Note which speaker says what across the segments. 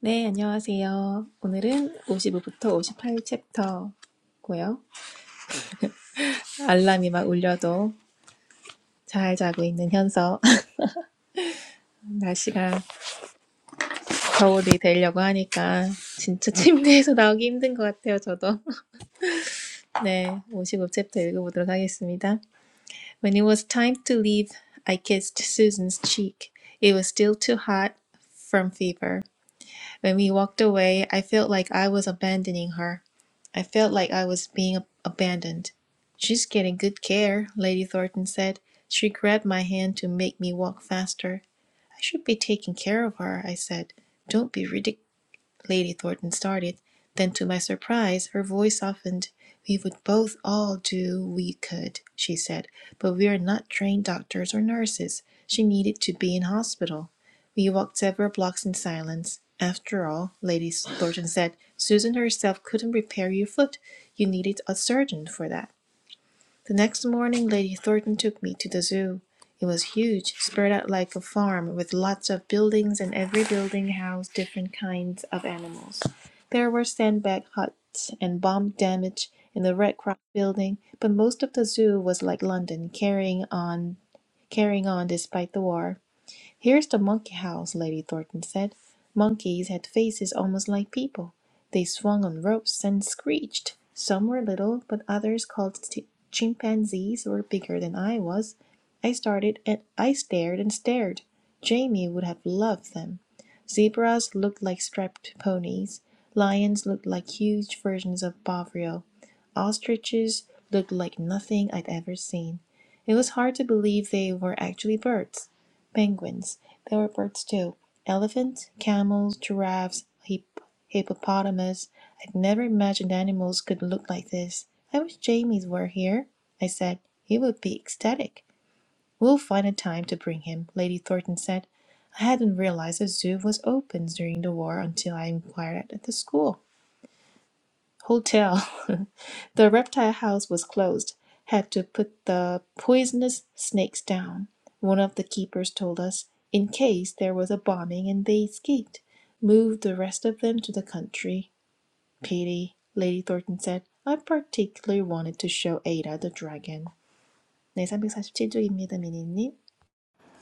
Speaker 1: 네, 안녕하세요. 오늘은 오십오부터 오십팔 챕터고요 알람이 막 울려도 잘 자고 있는 현서. 날씨가 겨울이 되려고 하니까 진짜 침대에서 나오기 힘든 것 같아요, 저도. 네, 오십오 챕터 읽어보도록 하겠습니다. When it was time to leave, I kissed Susan's cheek. It was still too hot from fever. When we walked away, I felt like I was abandoning her. I felt like I was being ab- abandoned. She's getting good care, Lady Thornton said. She grabbed my hand to make me walk faster. I should be taking care of her, I said. Don't be ridiculous. Lady Thornton started. Then, to my surprise, her voice softened. We would both all do we could, she said, but we are not trained doctors or nurses. She needed to be in hospital. We walked several blocks in silence. After all, Lady Thornton said, Susan herself couldn't repair your foot. You needed a surgeon for that. The next morning, Lady Thornton took me to the zoo. It was huge, spread out like a farm, with lots of buildings, and every building housed different kinds of animals. There were sandbag huts and bomb damage in the Red Cross building, but most of the zoo was like London, carrying on, carrying on despite the war. Here's the monkey house, Lady Thornton said. Monkeys had faces almost like people. They swung on ropes and screeched. Some were little, but others, called chimpanzees, were bigger than I was. I started and I stared and stared. Jamie would have loved them. Zebras looked like strapped ponies. Lions looked like huge versions of Bovril. Ostriches looked like nothing I'd ever seen. It was hard to believe they were actually birds. Penguins. They were birds too. Elephant, camels, giraffes, hip- hippopotamus. I'd never imagined animals could look like this. I wish Jamies were here, I said. He would be ecstatic. We'll find a time to bring him, Lady Thornton said. I hadn't realized the zoo was open during the war until I inquired at the school hotel. the reptile house was closed. Had to put the poisonous snakes down, one of the keepers told us, in case there was a bombing and they escaped. Moved the rest of them to the country. Pity, Lady Thornton said. I particularly wanted to show Ada the dragon. 네, 347쪽입니다, 미니님.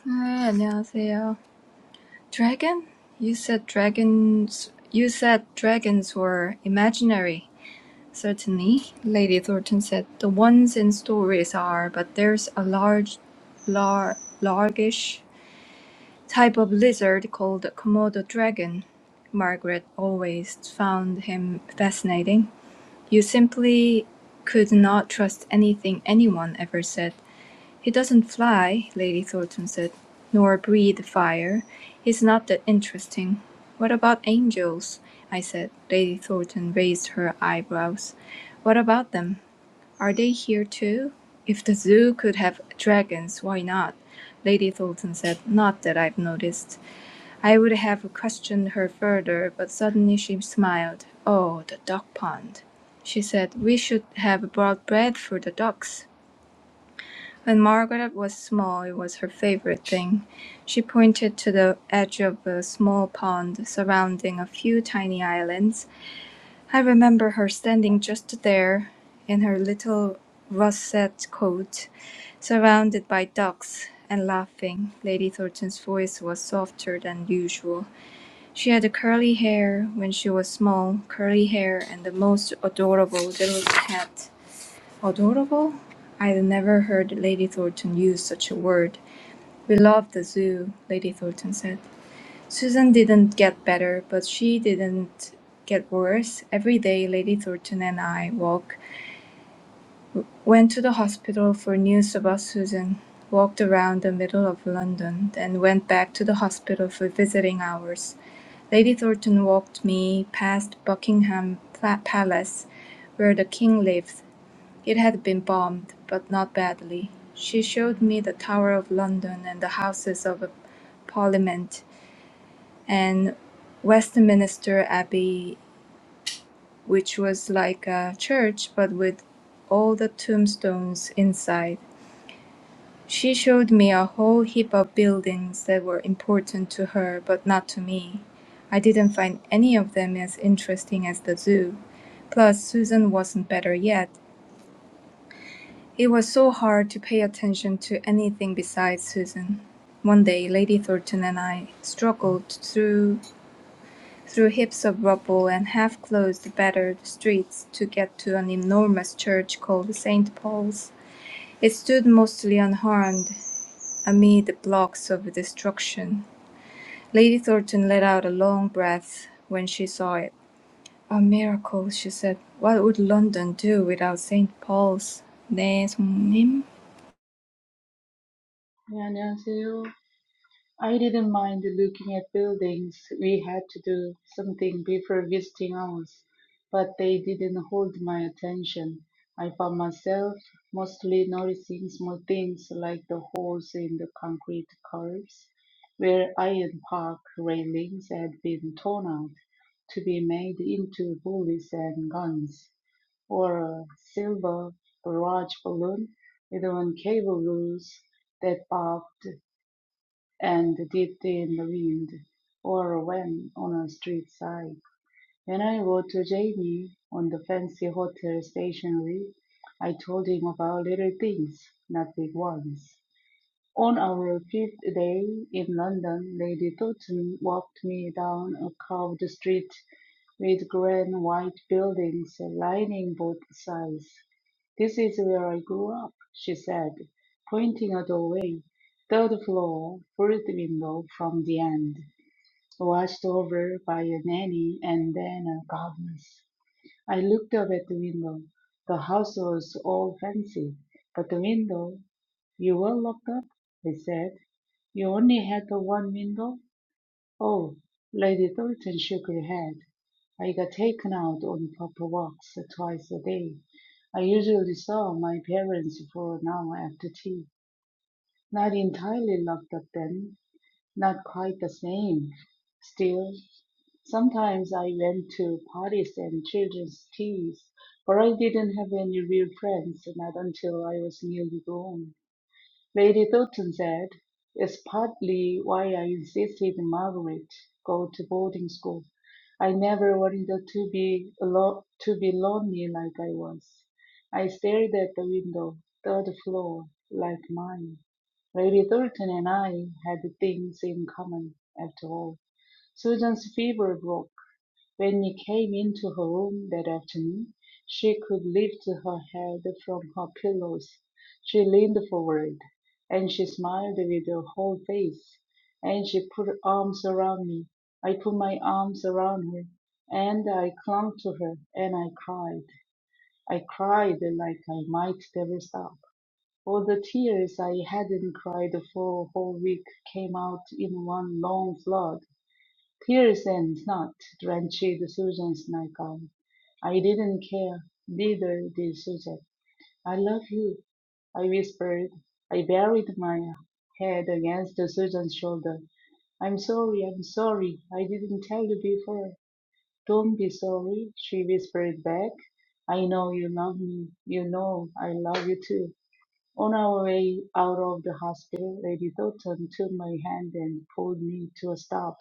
Speaker 2: 아, 안녕하세요. Dragon? You said dragons. You said dragons were imaginary. Certainly, Lady Thornton said. The ones in stories are, but there's a large, lar- largish type of lizard called Komodo dragon. Margaret always found him fascinating. You simply could not trust anything anyone ever said. "He doesn't fly," Lady Thornton said, "nor breathe fire. He's not that interesting." "What about angels?" I said. Lady Thornton raised her eyebrows. "What about them? Are they here too?" "If the Zoo could have dragons, why not?" Lady Thornton said. "Not that I've noticed." I would have questioned her further, but suddenly she smiled. "Oh, the duck pond!" she said. "We should have brought bread for the ducks. When Margaret was small, it was her favorite thing. She pointed to the edge of a small pond surrounding a few tiny islands. I remember her standing just there in her little russet coat, surrounded by ducks, and laughing. Lady Thornton's voice was softer than usual. She had curly hair when she was small, curly hair and the most adorable little hat. Adorable? I had never heard Lady Thornton use such a word. We love the zoo, Lady Thornton said. Susan didn't get better, but she didn't get worse. Every day, Lady Thornton and I walk, went to the hospital for news about Susan, walked around the middle of London, then went back to the hospital for visiting hours. Lady Thornton walked me past Buckingham Pla- Palace, where the king lived, it had been bombed, but not badly. She showed me the Tower of London and the Houses of Parliament and Westminster Abbey, which was like a church but with all the tombstones inside. She showed me a whole heap of buildings that were important to her but not to me. I didn't find any of them as interesting as the zoo. Plus, Susan wasn't better yet, It was so hard to pay attention to anything besides Susan. One day Lady Thornton and I struggled through through heaps of rubble and half closed battered streets to get to an enormous church called St. Paul's. It stood mostly unharmed amid the blocks of destruction. Lady Thornton let out a long breath when she saw it. A miracle, she said. What would London do without St. Paul's? 네, 성님.
Speaker 3: 네, 안녕하세요. I didn't mind looking at buildings we had to do something before visiting ours, but they didn't hold my attention. I found myself mostly noticing small things like the holes in the concrete curbs where iron park railings had been torn out to be made into bullets and guns, or a silver barrage balloon with one cable loose that bobbed and dipped in the wind or ran on a street side. When I wrote to Jamie on the fancy hotel stationery, I told him about little things, not big ones. On our fifth day in London, Lady Doughton walked me down a curved street with grand white buildings lining both sides. "This is where I grew up," she said, pointing a doorway. Third floor, third window from the end, watched over by a nanny and then a governess. I looked up at the window. The house was all fancy, but the window "You were locked up," I said. "You only had the one window?" Oh, Lady Thornton shook her head. I got taken out on proper walks twice a day. I usually saw my parents for an hour after tea. Not entirely locked up then, not quite the same. Still, sometimes I went to parties and children's teas, but I didn't have any real friends, not until I was nearly grown. Lady Thornton said, It's partly why I insisted Margaret go to boarding school. I never wanted to be alo- to be lonely like I was. I stared at the window, third floor, like mine. Lady Thornton and I had things in common, after all. Susan's fever broke. When he came into her room that afternoon, she could lift her head from her pillows. She leaned forward, and she smiled with her whole face, and she put her arms around me. I put my arms around her, and I clung to her, and I cried. I cried like I might never stop. All the tears I hadn't cried for a whole week came out in one long flood. Tears and not drenched Susan's nightgown. I didn't care. Neither did Susan. I love you, I whispered. I buried my head against Susan's shoulder. I'm sorry, I'm sorry. I didn't tell you before. Don't be sorry, she whispered back. I know you love me. You know I love you too. On our way out of the hospital, Lady Thornton took my hand and pulled me to a stop.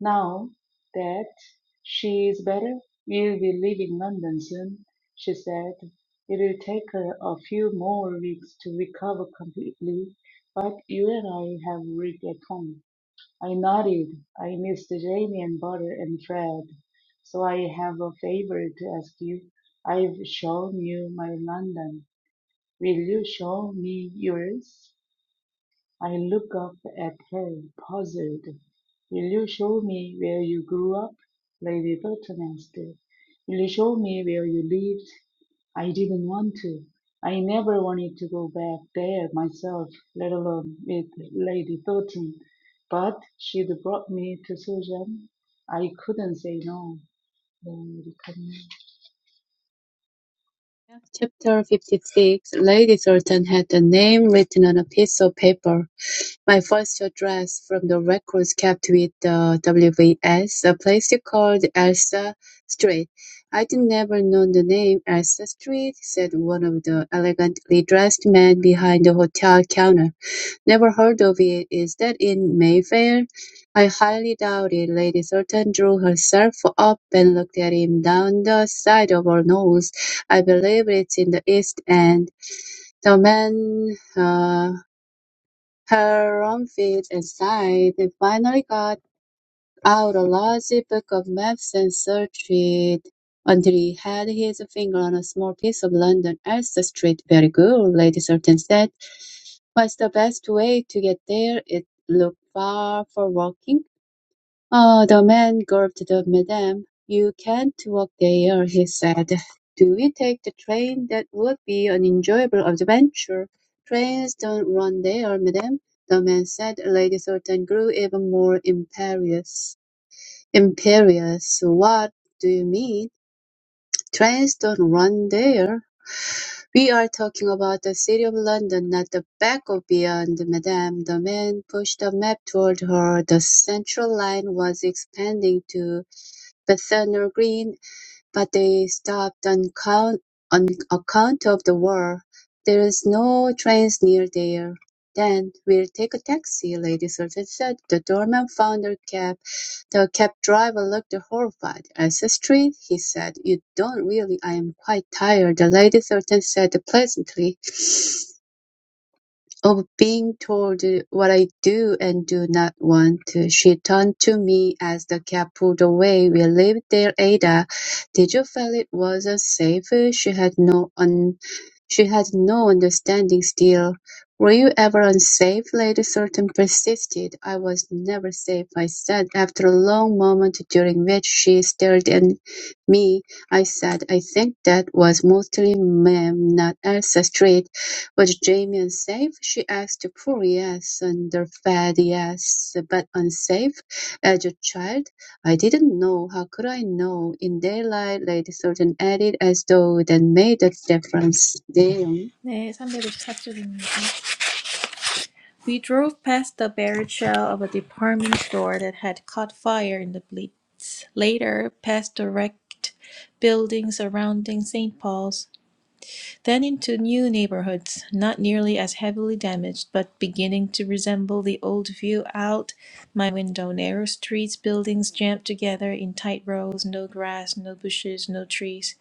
Speaker 3: Now that she is better, we'll be leaving London soon, she said. It'll take her a few more weeks to recover completely, but you and I have worked at home. I nodded. I missed Jamie and Butter and Fred. So I have a favor to ask you. I've shown you my London. Will you show me yours? I look up at her, puzzled. Will you show me where you grew up? Lady Burton asked. Will you show me where you lived? I didn't want to. I never wanted to go back there myself, let alone with Lady Burton. But she'd brought me to Susan. I couldn't say no. 네, 이렇게 하면.
Speaker 4: Chapter fifty-six. Lady Sultan had the name written on a piece of paper. My first address from the records kept with the WVS, a place called Elsa Street. I'd never known the name Elsa Street, said one of the elegantly dressed men behind the hotel counter. Never heard of it. Is that in Mayfair? I highly doubt it. Lady Thornton drew herself up and looked at him down the side of her nose. I believe it's in the East End. The man, uh, her own feet aside, finally got out a large book of maps and searched it until he had his finger on a small piece of London Elster Street. Very good, Lady Surton said. What's the best way to get there? It looked far for walking. Oh, the man gulped the Madame. You can't walk there, he said. Do we take the train? That would be an enjoyable adventure. Trains don't run there, Madame. the man said. Lady Sultan grew even more imperious. Imperious? What do you mean? Trains don't run there. We are talking about the City of London, not the back of beyond, madame. The man pushed a map toward her. The Central line was expanding to Bethnal Green but they stopped on count on account of the war. There's no trains near there. Then we'll take a taxi, Lady Susan said. The doorman found her cab. The cab driver looked horrified. "Elsa Street?" he said. "You don't really "I'm quite tired," the Lady Susan said pleasantly. Of being told what I do and do not want, she turned to me as the cab pulled away. We lived there, Ada. Did you feel it wasn't safe? She had no un- she had no understanding still. Were you ever unsafe? Lady Sultan persisted. I was never safe, I said. After a long moment during which she stared at me, I said, I think that was mostly ma'am, not Elsa Street. Was Jamie unsafe? She asked. Poor yes, underfed yes, but unsafe? As a child, I didn't know. How could I know? In daylight, Lady Sultan added, as though that made a difference. Damn.
Speaker 1: 네, 354쪽입니다. We drove past the barred shell of a department store that had caught fire in the Blitz, later past the wrecked buildings surrounding St. Paul's, then into new neighborhoods, not nearly as heavily damaged, but beginning to resemble the old view out my window. Narrow streets, buildings jammed together in tight rows, no grass, no bushes, no trees.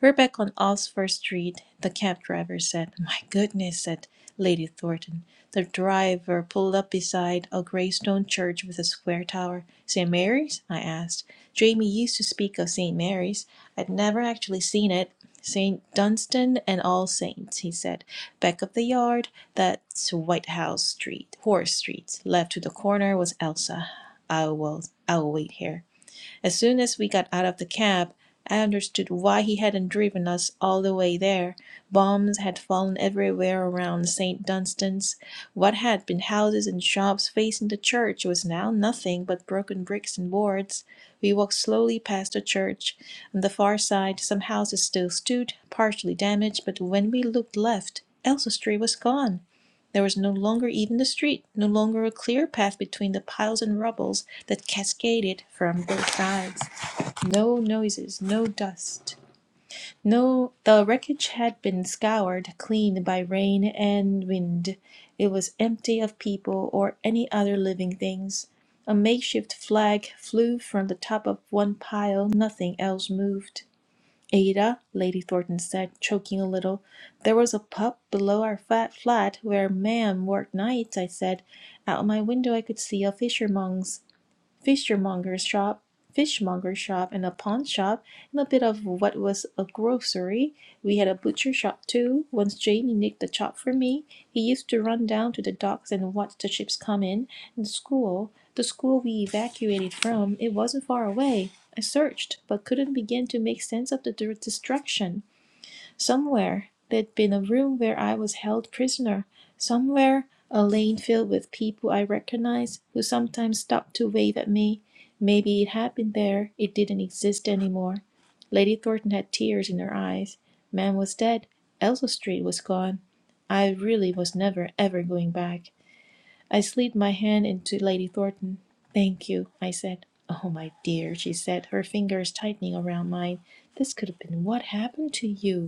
Speaker 1: We're back on Oxford Street, the cab driver said. My goodness, said Lady Thornton. The driver pulled up beside a grey stone church with a square tower. St. Mary's? I asked. Jamie used to speak of St. Mary's. I'd never actually seen it. St. Dunstan and All Saints, he said. Back of the yard, that's Whitehouse Street, Horace Street. Left to the corner was Elsa. I will, I will wait here. As soon as we got out of the cab, I understood why he hadn't driven us all the way there. Bombs had fallen everywhere around St. Dunstan's. What had been houses and shops facing the church was now nothing but broken bricks and boards. We walked slowly past the church. On the far side, some houses still stood, partially damaged, but when we looked left, Elsa Street was gone. There was no longer even the street, no longer a clear path between the piles and rubbles that cascaded from both sides. No noises, no dust. No, the wreckage had been scoured clean by rain and wind. It was empty of people or any other living things. A makeshift flag flew from the top of one pile, nothing else moved. Ada, Lady Thornton said, choking a little, there was a pup below our fat flat where ma'am worked nights, I said. Out my window I could see a fishmonger's fishermonger's shop, fishmonger's shop, and a pawn shop, and a bit of what was a grocery. We had a butcher shop too. Once Jamie nicked a chop for me. He used to run down to the docks and watch the ships come in. And the school, the school we evacuated from, it wasn't far away. I searched, but couldn't begin to make sense of the destruction. Somewhere there'd been a room where I was held prisoner. Somewhere a lane filled with people I recognized who sometimes stopped to wave at me. Maybe it had been there. It didn't exist anymore. Lady Thornton had tears in her eyes. Man was dead. Elsa Street was gone. I really was never, ever going back. I slid my hand into Lady Thornton. Thank you, I said. Oh, my dear, she said, her fingers tightening around mine. This could have been what happened to you.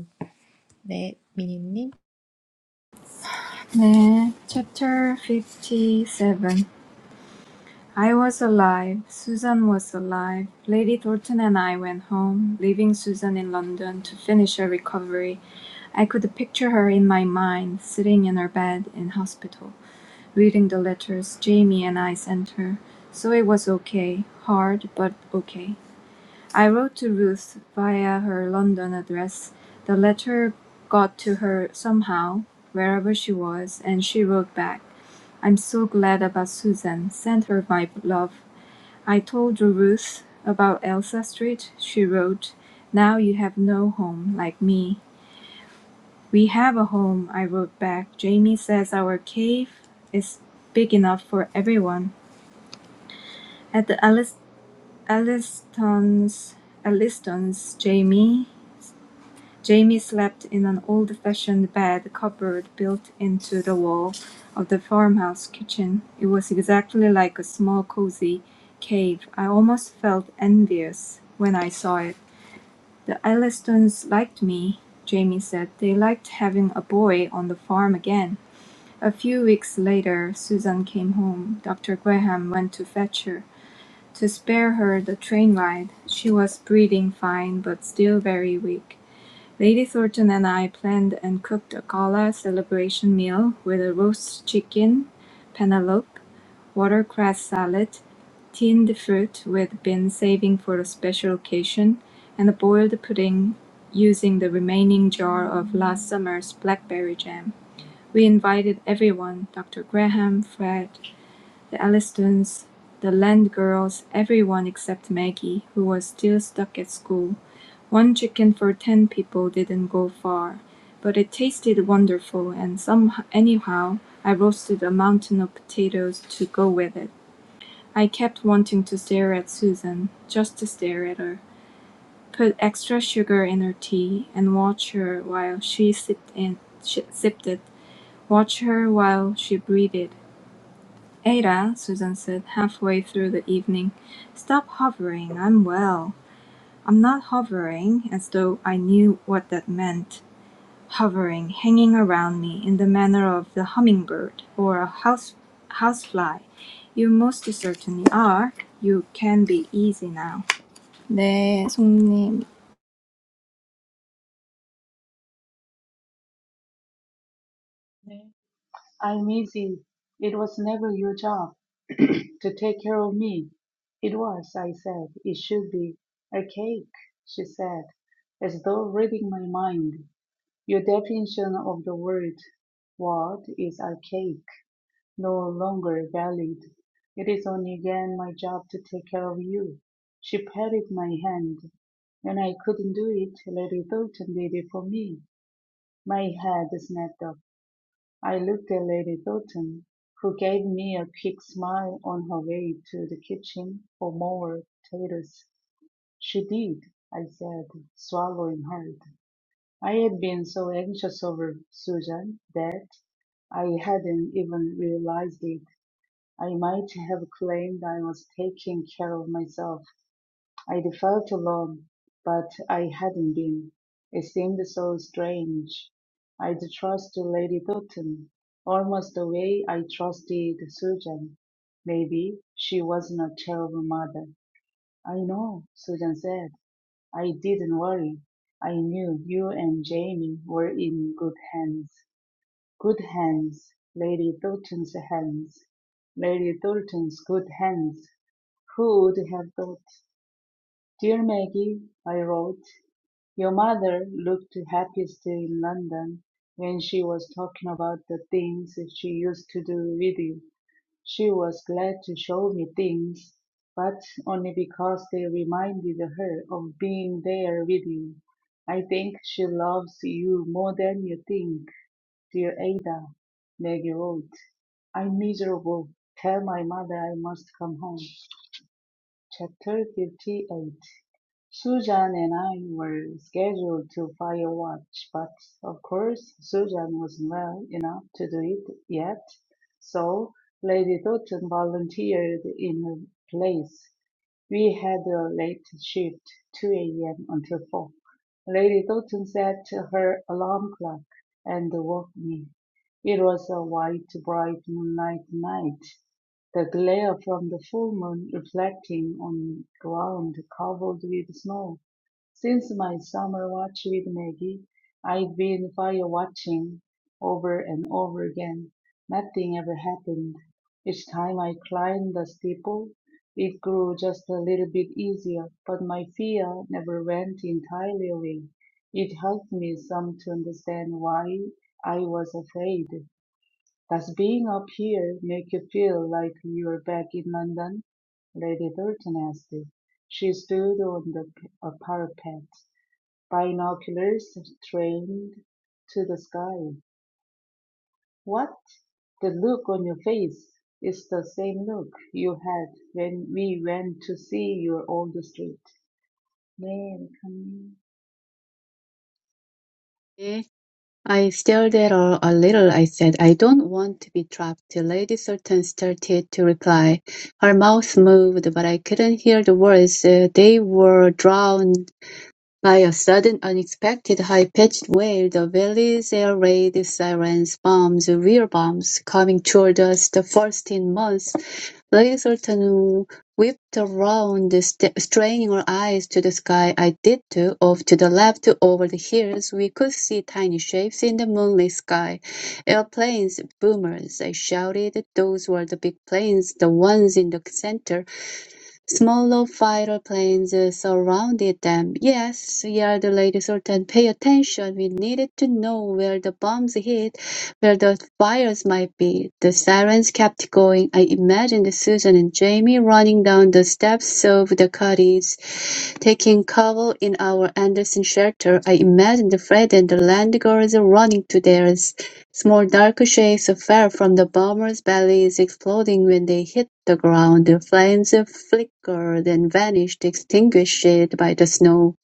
Speaker 1: 네, 미니님.
Speaker 2: 네, chapter 57. I was alive, Susan was alive. Lady Thornton and I went home, leaving Susan in London to finish her recovery. I could picture her in my mind, sitting in her bed in hospital, reading the letters Jamie and I sent her. So it was okay, hard, but okay. I wrote to Ruth via her London address. The letter got to her somehow, wherever she was, and she wrote back. I'm so glad about Susan. Send her my love. I told Ruth about Elsa Street. She wrote, Now you have no home like me. We have a home, I wrote back. Jamie says our cave is big enough for everyone. At the Ellis- Elliston's, Elliston's, Jamie Jamie slept in an old-fashioned bed cupboard built into the wall of the farmhouse kitchen. It was exactly like a small cozy cave. I almost felt envious when I saw it. "The Ellistons liked me," Jamie said. "They liked having a boy on the farm again." A few weeks later Susan came home. Dr. Graham went to fetch her. To spare her the train ride, she was breathing fine but still very weak. Lady Thornton and I planned and cooked a gala celebration meal with a roast chicken, penelope, watercress salad, tinned fruit we'd been saving for a special occasion, and a boiled pudding using the remaining jar of last summer's blackberry jam. We invited everyone Dr. Graham, Fred, the Allistons, the Land girls, everyone except Maggie, who was still stuck at school. One chicken for ten people didn't go far, but it tasted wonderful and some, anyhow I roasted a mountain of potatoes to go with it. I kept wanting to stare at Susan, just to stare at her, put extra sugar in her tea and watch her while she sipped and sh sipped it, watch her while she breathed. "Ada," Susan said halfway through the evening, "stop hovering. I'm well." I'm not hovering, as though I knew what that meant. hovering, hanging around me in the manner of the hummingbird or a house housefly. You most certainly are. You can be easy now. 네, 송님.
Speaker 3: 네. I'm easy. It was never your job. to take care of me. It was, I said. It should be. A cake, she said, as though reading my mind. Your definition of the word what is archaic, no longer valid. It is only again my job to take care of you. She patted my hand. When I couldn't do it, Lady Thornton did it for me. My head snapped up. I looked at Lady Doughton, who gave me a quick smile on her way to the kitchen for more potatoes. She did, I said, swallowing hard. I had been so anxious over Susan that I hadn't even realized it. I might have claimed I was taking care of myself. I felt to Lord, but I hadn't been. It seemed so strange. I'd trust Lady Doughton almost the way I trusted Susan. Maybe she wasn't a terrible mother. I know, Susan said. I didn't worry. I knew you and Jamie were in good hands. Good hands. Lady Doughton's hands. Lady Doughton's good hands. Who would have thought? "Dear Maggie," I wrote, "your mother looked the happiest in London when she was talking about the things she used to do with you. She was glad to show me things, but only because they reminded her of being there with you. I think she loves you more than you think, dear Ada." Maggie wrote, "I'm miserable. Tell my mother I must come home." CHAPTER 58 Susan and I were scheduled to Firewatch, but of course Susan wasn't well enough to do it yet, so Lady Doughton volunteered in her place. We had a late shift, 2 a.m. until 4. Lady Doughton set her alarm clock and woke me. It was a white, bright moonlight night, the glare from the full moon reflecting on ground covered with snow. Since my summer watch with Maggie, I've been fire watching over and over again. Nothing ever happened. Each time I climbed the steeple, it grew just a little bit easier, but my fear never went entirely away. It helped me some to understand why I was afraid. Does being up here make you feel like you're back in London? Lady Thornton asked. She stood on the p- a parapet Binoculars trained to the sky. What? The look on your face is the same look you had when we went to see your old street. 네, 이렇게님.
Speaker 4: Eh? I stared at her a little. I said, I don't want to be trapped. Lady Sultan started to reply. Her mouth moved, but I couldn't hear the words. Uh, They were drowned By a sudden, unexpected, high-pitched wail, the valley's air raid sirens bombs were bombs coming toward us the first in months. Lady Sultan whipped around, st- straining her eyes to the sky. I did too. Off to the left, over the hills, we could see tiny shapes in the moonlit sky. Airplanes, boomers, I shouted. Those were the big planes, the ones in the center. Smaller fighter planes uh, surrounded them. Yes, yelled Lady Sultan, pay attention. We needed to know where the bombs hit, where the fires might be. The sirens kept going. I imagined Susan and Jamie running down the steps of the cottage, taking cover in our Anderson shelter. I imagined Fred and the land girls running to theirs. Small dark shapes fell from the bombers' bellies, exploding when they hit the ground. The Flames flickered and vanished, extinguished by the snow.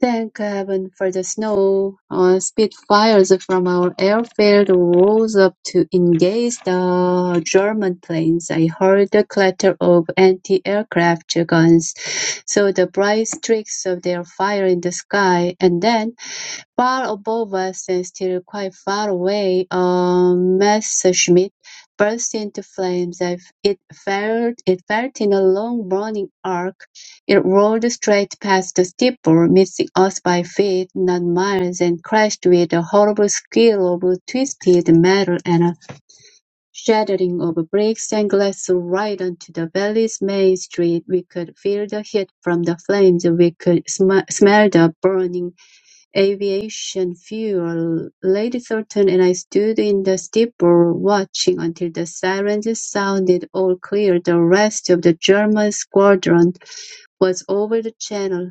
Speaker 4: Thank heaven for the snow. Uh, Spitfires from our airfield rose up to engage the German planes. I heard the clatter of anti-aircraft guns, saw the bright streaks of their fire in the sky, and then Far above us and still quite far away, uh, Messerschmitt burst into flames. I f- It felt, it felt in a long burning arc. It rolled straight past the steeple, missing us by feet, not miles, and crashed with a horrible squeal of twisted metal and a shattering of bricks and glass right onto the valley's main street. We could feel the heat from the flames. We could sm- smell the burning aviation fuel, Lady Thornton and I stood in the steeple watching until the sirens sounded all clear. The rest of the German squadron was over the channel.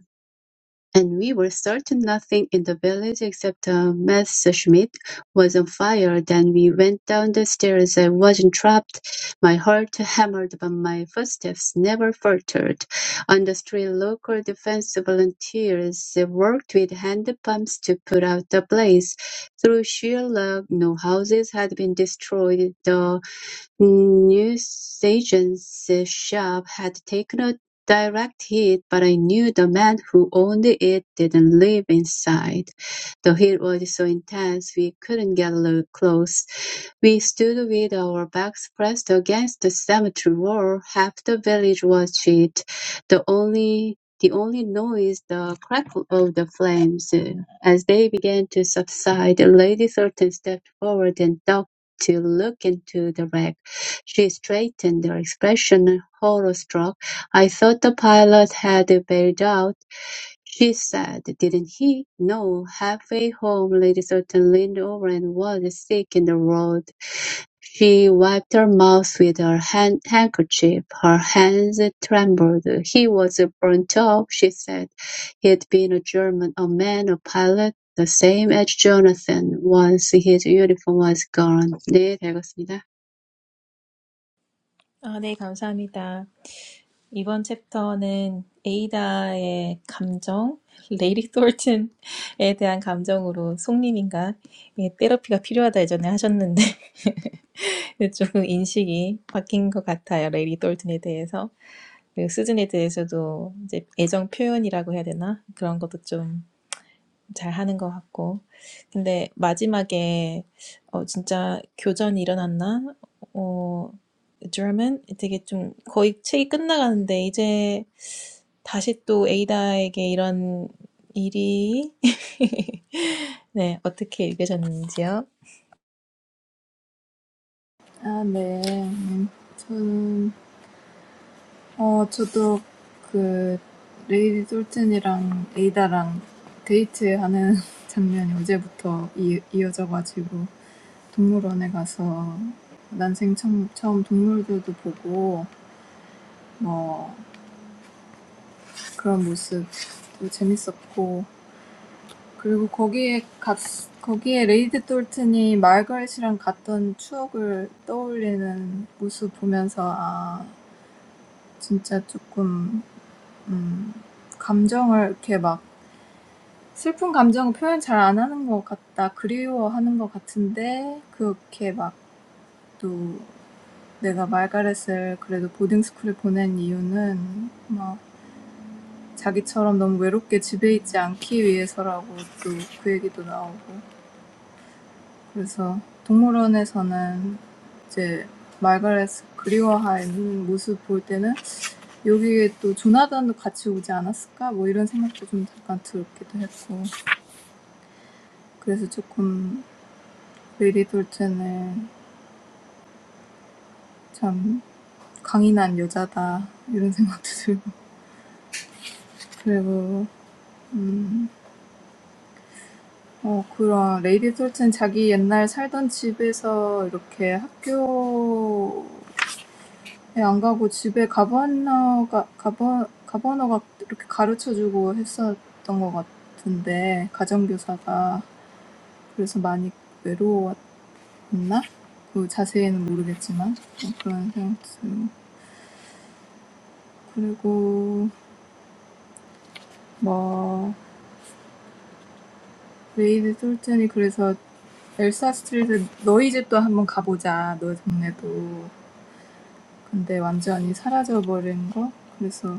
Speaker 4: And we were certain nothing in the village except a Messerschmitt was on fire. Then we went down the stairs. I wasn't trapped. My heart hammered, but my footsteps never faltered. On the street, local defense volunteers worked with hand pumps to put out the blaze. Through sheer luck, no houses had been destroyed. The Newsagen's shop had taken a direct hit, but I knew the man who owned it didn't live inside. The heat was so intense we couldn't get lo- close. We stood with our backs pressed against the cemetery wall. Half the village was it. The only the only noise the crackle of the flames. As they began to subside, Lady Thornton stepped forward and ducked to look into the wreck. She straightened her expression, horror-struck. "I thought the pilot had bailed out," she said. "Didn't he?" "No." Halfway home, Lady Sutton leaned over and was sick in the road. She wiped her mouth with her hand- handkerchief. Her hands trembled. "He was burnt up," she said. He'd been a German, a man, a pilot, the same as Jonathan. Once his uniform was gone. 네, 잘 읽었습니다.
Speaker 1: 아, 네, 감사합니다. 이번 챕터는 에이다의 감정, 레이리 톨튼에 대한 감정으로 송님인가 예, 테라피가 필요하다 예전에 하셨는데 조금 인식이 바뀐 것 같아요. 레이리 톨튼에 대해서. 그리고 수준에 대해서도 이제 애정 표현이라고 해야 되나? 그런 것도 좀 잘 하는 것 같고. 근데 마지막에 어 진짜 교전이 일어났나? 어 German 되게 좀 거의 책이 끝나가는데 이제 다시 또 에이다에게 이런 일이 네, 어떻게 읽으셨는지요?
Speaker 2: 아, 네. 음, 저는, 어, 저도 그, 레이디 솔튼이랑 에이다랑 데이트하는 장면이 어제부터 이, 이어져가지고, 동물원에 가서 난생 처음, 처음 동물들도 보고, 뭐, 그런 모습 재밌었고 그리고 거기에 갔 거기에 레이드 톨튼이 말가렛이랑 갔던 추억을 떠올리는 모습 보면서 아 진짜 조금 음 감정을 이렇게 막 슬픈 감정을 표현 잘안 하는 것 같다 그리워하는 것 같은데 그렇게 막또 내가 말가렛을 그래도 보딩 스쿨에 보낸 이유는 막 자기처럼 너무 외롭게 집에 있지 않기 위해서라고 또 그 얘기도 나오고 그래서 동물원에서는 이제 말가렛 그리워하는 모습 볼 때는 여기에 또 조나단도 같이 오지 않았을까 뭐 이런 생각도 좀 잠깐 들었기도 했고 그래서 조금 메리 돌체는 참 강인한 여자다 이런 생각도 들고 그리고 어 그런 레이디 솔트는 자기 옛날 살던 집에서 이렇게 학교에 안 가고 집에 가버너가 가버 가버너가 이렇게 가르쳐 주고 했었던 것 같은데 가정교사가 그래서 많이 외로웠나? 그 자세히는 모르겠지만 뭐 그런 생각 들고 그리고 뭐 레이디 솔튼이 그래서 엘사 스트리트 너희 집도 한번 가보자 너희 동네도 근데 완전히 사라져버린 거? 그래서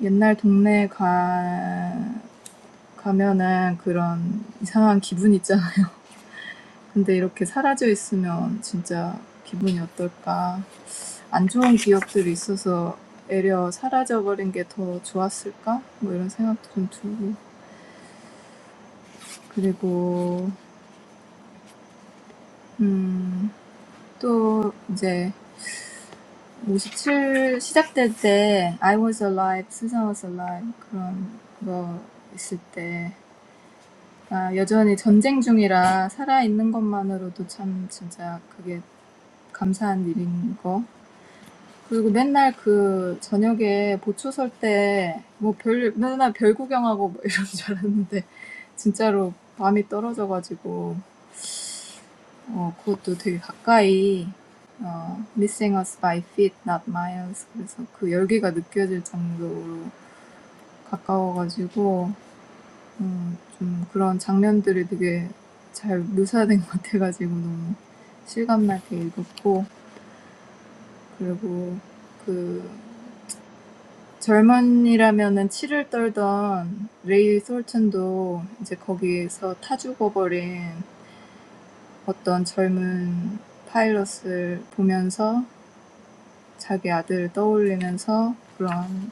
Speaker 2: 옛날 동네 가, 가면은 그런 이상한 기분 있잖아요. 근데 이렇게 사라져 있으면 진짜 기분이 어떨까? 안 좋은 기억들이 있어서 애려 사라져버린 게 더 좋았을까? 뭐 이런 생각도 좀 들고. 그리고, 음, 또 이제 57 시작될 때 I was alive, Susan was alive 그런 거 있을 때 아, 여전히 전쟁 중이라 살아있는 것만으로도 참 진짜 그게 감사한 일인 거. 그리고 맨날 그 저녁에 보초 설 때 뭐 별, 맨날 별 구경하고 뭐 이런 줄 알았는데 진짜로 밤이 떨어져가지고 어, 그것도 되게 가까이 어, missing us by feet, not miles. 그래서 그 열기가 느껴질 정도로 가까워가지고 어좀 그런 장면들이 되게 잘 묘사된 것 같아가지고 너무 실감나게 읽었고 그리고 그 젊은이라면은 치를 떨던 레이 솔튼도 이제 거기에서 타 죽어버린 어떤 젊은 파일럿을 보면서 자기 아들을 떠올리면서 그런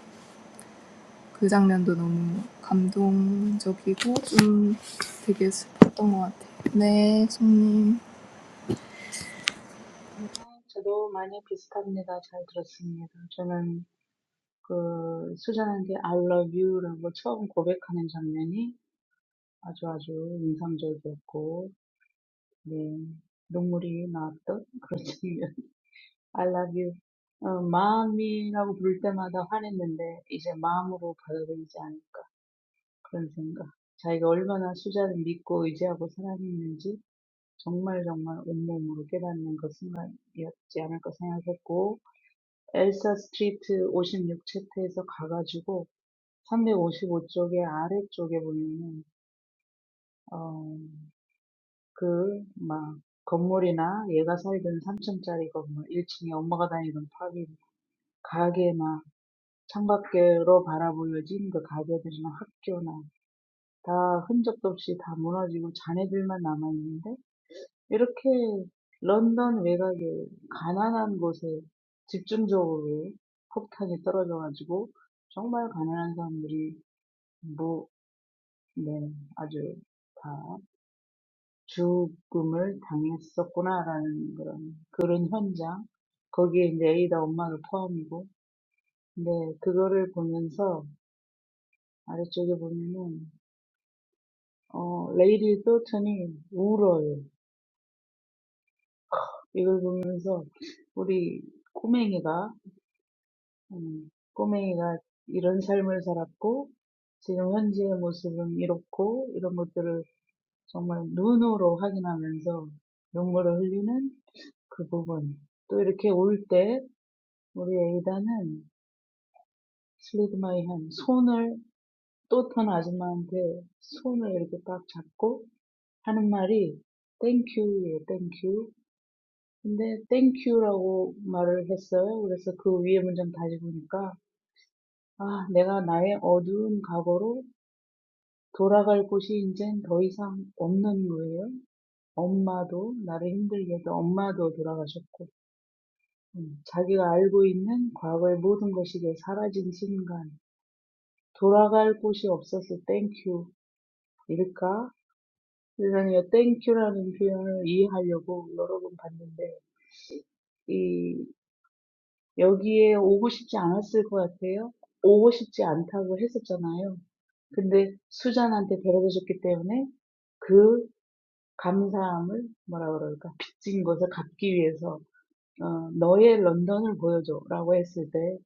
Speaker 2: 그 장면도 너무 감동적이고 좀 되게 슬펐던 것 같아요. 네, 송님.
Speaker 3: 저도 많이 비슷합니다. 잘 들었습니다. 저는 그 수잔한 게 I love you라고 처음 고백하는 장면이 아주 아주 인상적이었고, 네, 눈물이 나왔던 그런 장면. I love you. 어, 마음이라고 부를 때마다 화냈는데 이제 마음으로 받아들이지 않을까 그런 생각. 자기가 얼마나 수자를 믿고 의지하고 사랑했는지 정말 정말 온몸으로 깨닫는 그 순간이었지 않을까 생각했고 엘사 스트리트 56 챕터에서 가가지고 355쪽의 아래쪽에 보면은 어, 그, 막 건물이나 얘가 살던 3층짜리 건물, 1층에 엄마가 다니던 파비, 가게 창밖으로 바라보여진 그 가게들이나 학교나 다 흔적도 없이 다 무너지고 잔해들만 남아있는데 이렇게 런던 외곽의 가난한 곳에 집중적으로 폭탄이 떨어져가지고 정말 가난한 사람들이 뭐, 네, 아주 다 죽음을 당했었구나라는 그런 그런 현장 거기에 이제 에이다 엄마를 포함이고 네 그거를 보면서 아래쪽에 보면은 어, 레이디 솔튼이 울어요. 이걸 보면서 우리 꼬맹이가, 음, 꼬맹이가 이런 삶을 살았고, 지금 현재의 모습은 이렇고, 이런 것들을 정말 눈으로 확인하면서 눈물을 흘리는 그 부분. 또 이렇게 울 때, 우리 에이다는 슬리드 마이 한 손을 또 다른 아줌마한테 손을 이렇게 딱 잡고 하는 말이 땡큐예요, 땡큐. 근데 땡큐라고 말을 했어요. 그래서 그 위에 문장 다시 보니까 아, 내가 나의 어두운 과거로 돌아갈 곳이 이젠 더 이상 없는 거예요. 엄마도 나를 힘들게 해도 엄마도 돌아가셨고 음, 자기가 알고 있는 과거의 모든 것이 이제 사라진 순간 돌아갈 곳이 없어서 땡큐일까? 세상에 땡큐라는 표현을 이해하려고 여러 번 봤는데 이 여기에 오고 싶지 않았을 것 같아요. 오고 싶지 않다고 했었잖아요. 근데 수잔한테 데려다 줬기 때문에 그 감사함을 뭐라 그럴까? 빚진 것을 갚기 위해서 어, 너의 런던을 보여줘라고 했을 때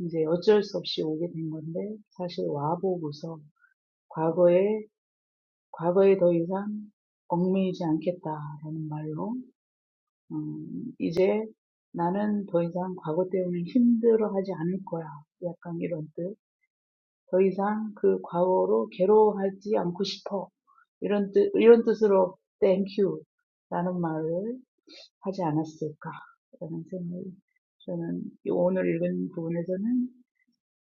Speaker 3: 이제 어쩔 수 없이 오게 된 건데 사실 와보고서 과거에 과거에 더 이상 얽매이지 않겠다라는 말로 음, 이제 나는 더 이상 과거 때문에 힘들어하지 않을 거야. 약간 이런 뜻. 더 이상 그 과거로 괴로워하지 않고 싶어. 이런 뜻, 이런 뜻으로 thank you 라는 말을 하지 않았을까. 라는 생각이 저는 이 오늘 읽은 부분에서는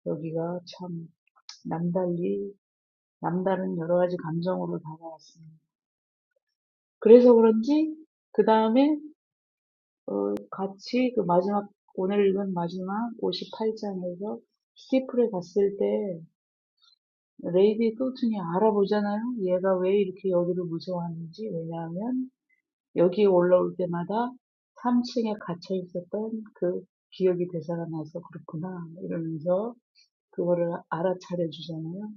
Speaker 3: 여기가 참 남달리, 남다른 여러 가지 감정으로 다가왔습니다. 그래서 그런지 그 다음에 같이 그 마지막 오늘 읽은 마지막 58장에서 스티플에 갔을 때 레이디 톨튼이 알아보잖아요. 얘가 왜 이렇게 여기를 무서워하는지. 왜냐하면 여기에 올라올 때마다 3층에 갇혀 있었던 그 기억이 되살아나서 그렇구나. 이러면서 그거를 알아차려 주잖아요.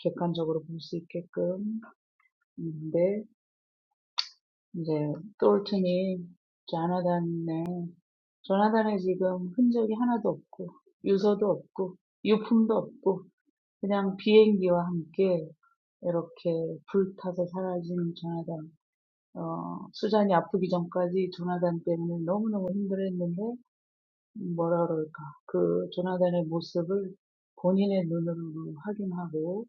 Speaker 3: 객관적으로 볼수 있게끔. 근데 이제 톨튼이 자나단의 조나단은 지금 흔적이 하나도 없고, 유서도 없고, 유품도 없고, 그냥 비행기와 함께 이렇게 불타서 사라진 조나단. 어, 수잔이 아프기 전까지 조나단 때문에 너무너무 힘들었는데, 뭐라 그럴까. 그 조나단의 모습을 본인의 눈으로 확인하고,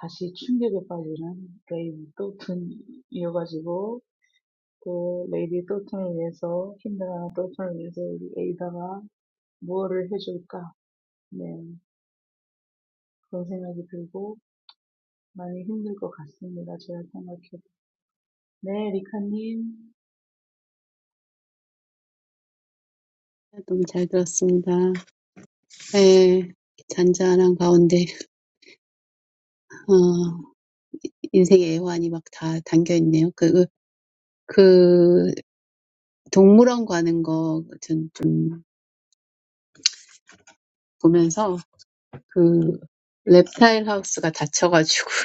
Speaker 3: 다시 충격에 빠지는 레이디 또튼 이어가지고, 또 레이디 또튼을 위해서, 힘들어하는 또튼을 위해서 우리 에이다가 무엇을 해줄까? 네, 그런 생각이 들고 많이 힘들 것 같습니다. 제가 생각해도. 네, 리카님.
Speaker 4: 너무 잘 들었습니다. 예, 잔잔한 가운데 어, 인생의 애환이 막다 담겨 있네요. 그, 그 동물원 가는 거 전 좀 보면서 그 reptile 하우스가 닫혀가지고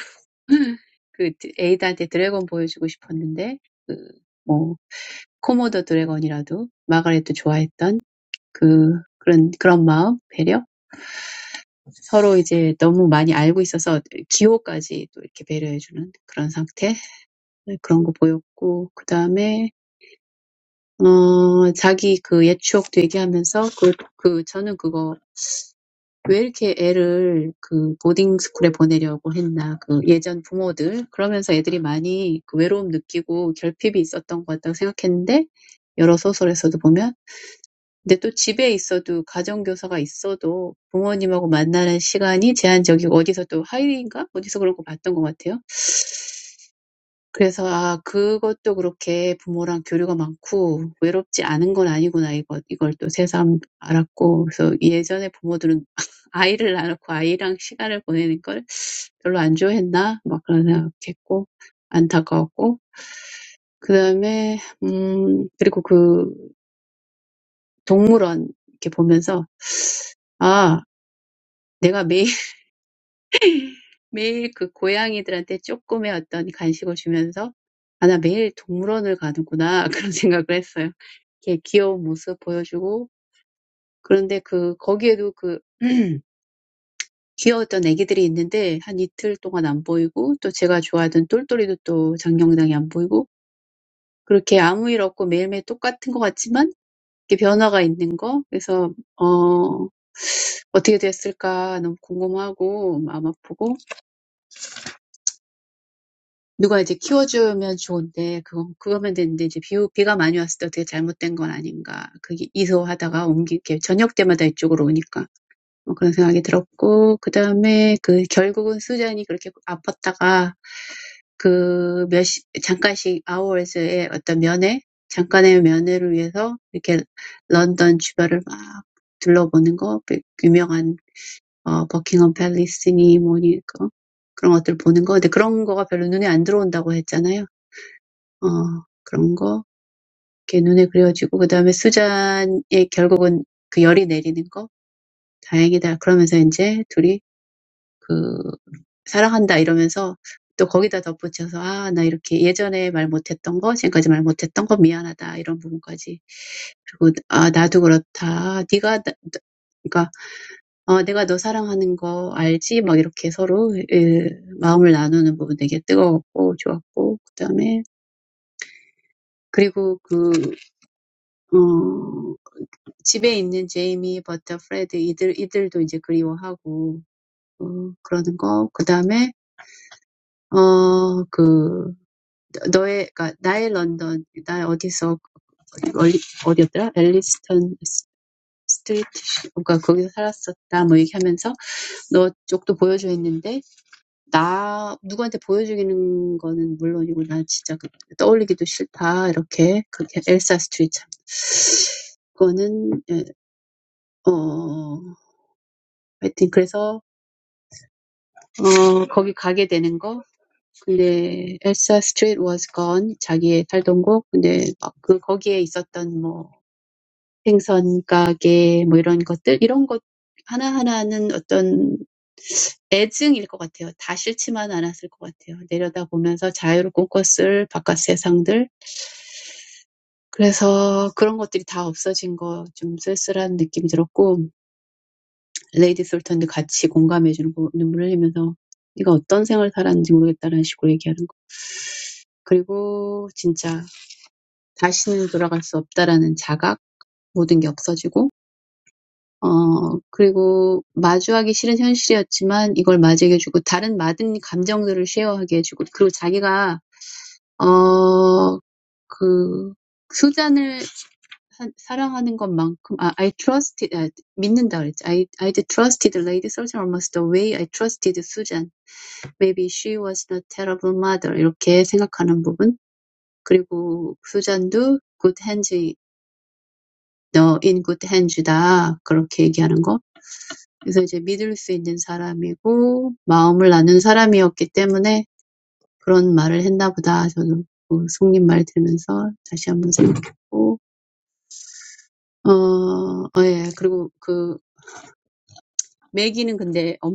Speaker 4: 그 에이드한테 드래곤 보여주고 싶었는데 그뭐 코모도 드래곤이라도 마가렛도 좋아했던 그 그런 그런 마음 배려 서로 이제 너무 많이 알고 있어서 기호까지 또 이렇게 배려해주는 그런 상태 네, 그런 거 보였고 그 다음에 어, 자기 그 옛 추억 되기하면서 그, 그, 저는 그거 왜 이렇게 애를 그 보딩 스쿨에 보내려고 했나. 그 예전 부모들. 그러면서 애들이 많이 그 외로움 느끼고 결핍이 있었던 것 같다고 생각했는데 여러 소설에서도 보면. 근데 또 집에 있어도 가정교사가 있어도 부모님하고 만나는 시간이 제한적이고 어디서 또 하이인가? 어디서 그런 거 봤던 것 같아요. 그래서 '아 그것도 그렇게 부모랑 교류가 많고 외롭지 않은 건 아니구나.' 이거 이걸 또 새삼 알았고 그래서 예전에 부모들은 아이를 낳아놓고 아이랑 시간을 보내는 걸 별로 안 좋아했나 막 그런 생각했고 안타까웠고 그 다음에 음 그리고 그 동물원 이렇게 보면서 '아 내가 매일 매일 그 고양이들한테 조금의 어떤 간식을 주면서 '아 나 매일 동물원을 가는구나.' 그런 생각을 했어요. 이렇게 귀여운 모습 보여주고 그런데 그 거기에도 그 귀여웠던 애기들이 있는데 한 이틀 동안 안 보이고 또 제가 좋아하던 똘똘이도 또 장경당이 안 보이고 그렇게 아무 일 없고 매일매일 똑같은 것 같지만 이렇게 변화가 있는 거 그래서 어 어떻게 됐을까 너무 궁금하고 마음 아프고 누가 이제 키워주면 좋은데 그거 그거면 되는데 이제 비 비가 많이 왔을 때 어떻게 잘못된 건 아닌가 그게 이소하다가 옮기게 저녁 때마다 이쪽으로 오니까 뭐 그런 생각이 들었고 그 다음에 그 결국은 수잔이 그렇게 아팠다가 그 몇십 잠깐씩 아워스의 어떤 면회 잠깐의 면회를 위해서 이렇게 런던 주변을 막 둘러보는 거 유명한 어 버킹엄 팰리스니 뭐니까 그런 것들 보는 거 근데 그런 거가 별로 눈에 안 들어온다고 했잖아요. 어 그런 거 이렇게 눈에 그려지고 그다음에 수잔의 결국은 그 열이 내리는 거 다행이다 그러면서 이제 둘이 그 사랑한다 이러면서 또 거기다 덧붙여서 아, 나 이렇게 예전에 말 못했던 거, 지금까지 말 못했던 거 미안하다 이런 부분까지 그리고 아 나도 그렇다 네가 나, 나- 그러니까 어, 내가 너 사랑하는 거 알지? 막 이렇게 서로 예, 마음을 나누는 부분 되게 뜨거웠고 좋았고 그다음에 그리고 그 어, 집에 있는 제이미, 버터, 프레드 이들 이들도 이제 그리워하고 어, 그러는 거 그다음에 어, 그 너의 그러니까 나의 런던 나 어디서 어디, 어디였더라? 앨리스턴 스트리트 그러니까 거기서 살았었다 뭐 얘기하면서 너 쪽도 보여줘 했는데 나 누구한테 보여주기는 거는 물론이고 나 진짜 떠올리기도 싫다. 이렇게 그렇게 엘사 스트릿 참 그거는 어 하여튼 그래서 어 거기 가게 되는 거 근데 엘사 스트릿 was gone 자기의 살던 곳 근데 막그 거기에 있었던 뭐 생선 가게 뭐 이런 것들 이런 것 하나하나는 어떤 애증일 것 같아요. 다 싫지만 않았을 것 같아요. 내려다보면서 자유를 꿈꿨을 바깥 세상들 그래서 그런 것들이 다 없어진 거좀 쓸쓸한 느낌이 들었고 레이디 솔턴도 같이 공감해 주는 거 눈물 흘리면서 네가 어떤 생을 살았는지 모르겠다라는 식으로 얘기하는 거 그리고 진짜 다시는 돌아갈 수 없다라는 자각 모든 게 없어지고 어 그리고 마주하기 싫은 현실이었지만 이걸 맞이해주고 다른 많은 감정들을 쉐어하게 해주고 그리고 자기가 어그 수잔을 사, 사랑하는 것만큼 아, I trusted, 아, 믿는다 그랬지. I, I trusted Lady Susan almost the way I trusted Susan. Maybe she was a terrible mother. 이렇게 생각하는 부분 그리고 Susan도 good hands, 너 in good hands다 그렇게 얘기하는 거 그래서 이제 믿을 수 있는 사람이고 마음을 나는 사람이었기 때문에 그런 말을 했나보다 저는 속님 말 들면서 다시 한번 생각했고 어, 어, 예 그리고 그 Mac이 는 근데 엄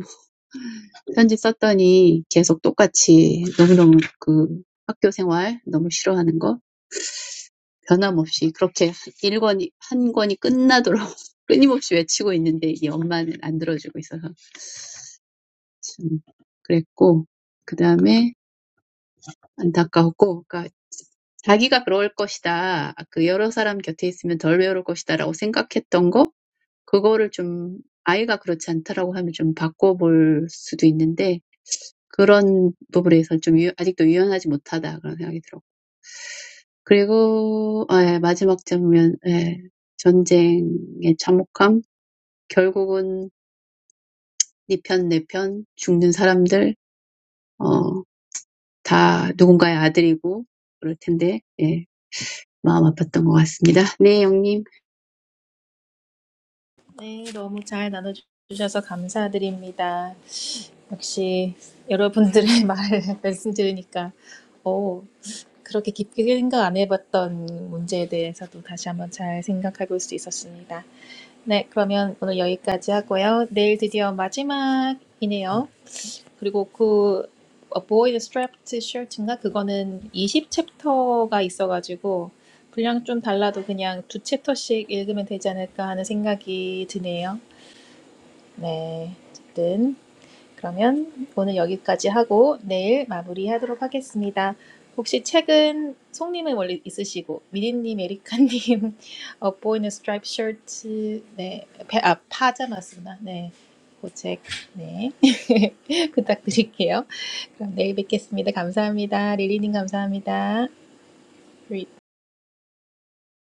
Speaker 4: 편지 썼더니 계속 똑같이 너무너무 그 학교 생활 너무 싫어하는 거 변함없이 그렇게 일 권이 한 권이 끝나도록 끊임없이 외치고 있는데 이 엄마는 안 들어주고 있어서 참 그랬고 그 다음에 안타까웠고 그러니까 자기가 그럴 것이다. 그 여러 사람 곁에 있으면 덜 외로울 것이다라고 생각했던 거 그거를 좀 아이가 그렇지 않다라고 하면 좀 바꿔볼 수도 있는데 그런 부분에선 좀 유, 아직도 유연하지 못하다 그런 생각이 들었고 그리고 예, 마지막 장면 예, 전쟁의 참혹함 결국은 네편내편 죽는 사람들 어, 다 누군가의 아들이고 그럴 텐데 예, 마음 아팠던 것 같습니다. 네, 영님.
Speaker 1: 네, 너무 잘 나눠주셔서 감사드립니다. 역시 여러분들의 말을 말씀 들으니까, 오, 그렇게 깊게 생각 안 해봤던 문제에 대해서도 다시 한번 잘 생각해 볼 수 있었습니다. 네, 그러면 오늘 여기까지 하고요. 내일 드디어 마지막이네요. 그리고 그 Avoid Strapped Shirt인가? 그거는 20챕터가 있어가지고 분량 좀 달라도 그냥 두 챕터씩 읽으면 되지 않을까 하는 생각이 드네요. 네, 어쨌든. 그러면 오늘 여기까지 하고 내일 마무리하도록 하겠습니다. 혹시 책은 송님은 원래 있으시고 미리님, 에리카님, A Boy in a Striped Shirt, 네, 파- 아 파자마스나, 네, 그책 네, 부탁드릴게요. 그럼 내일 뵙겠습니다. 감사합니다. 릴리님 감사합니다.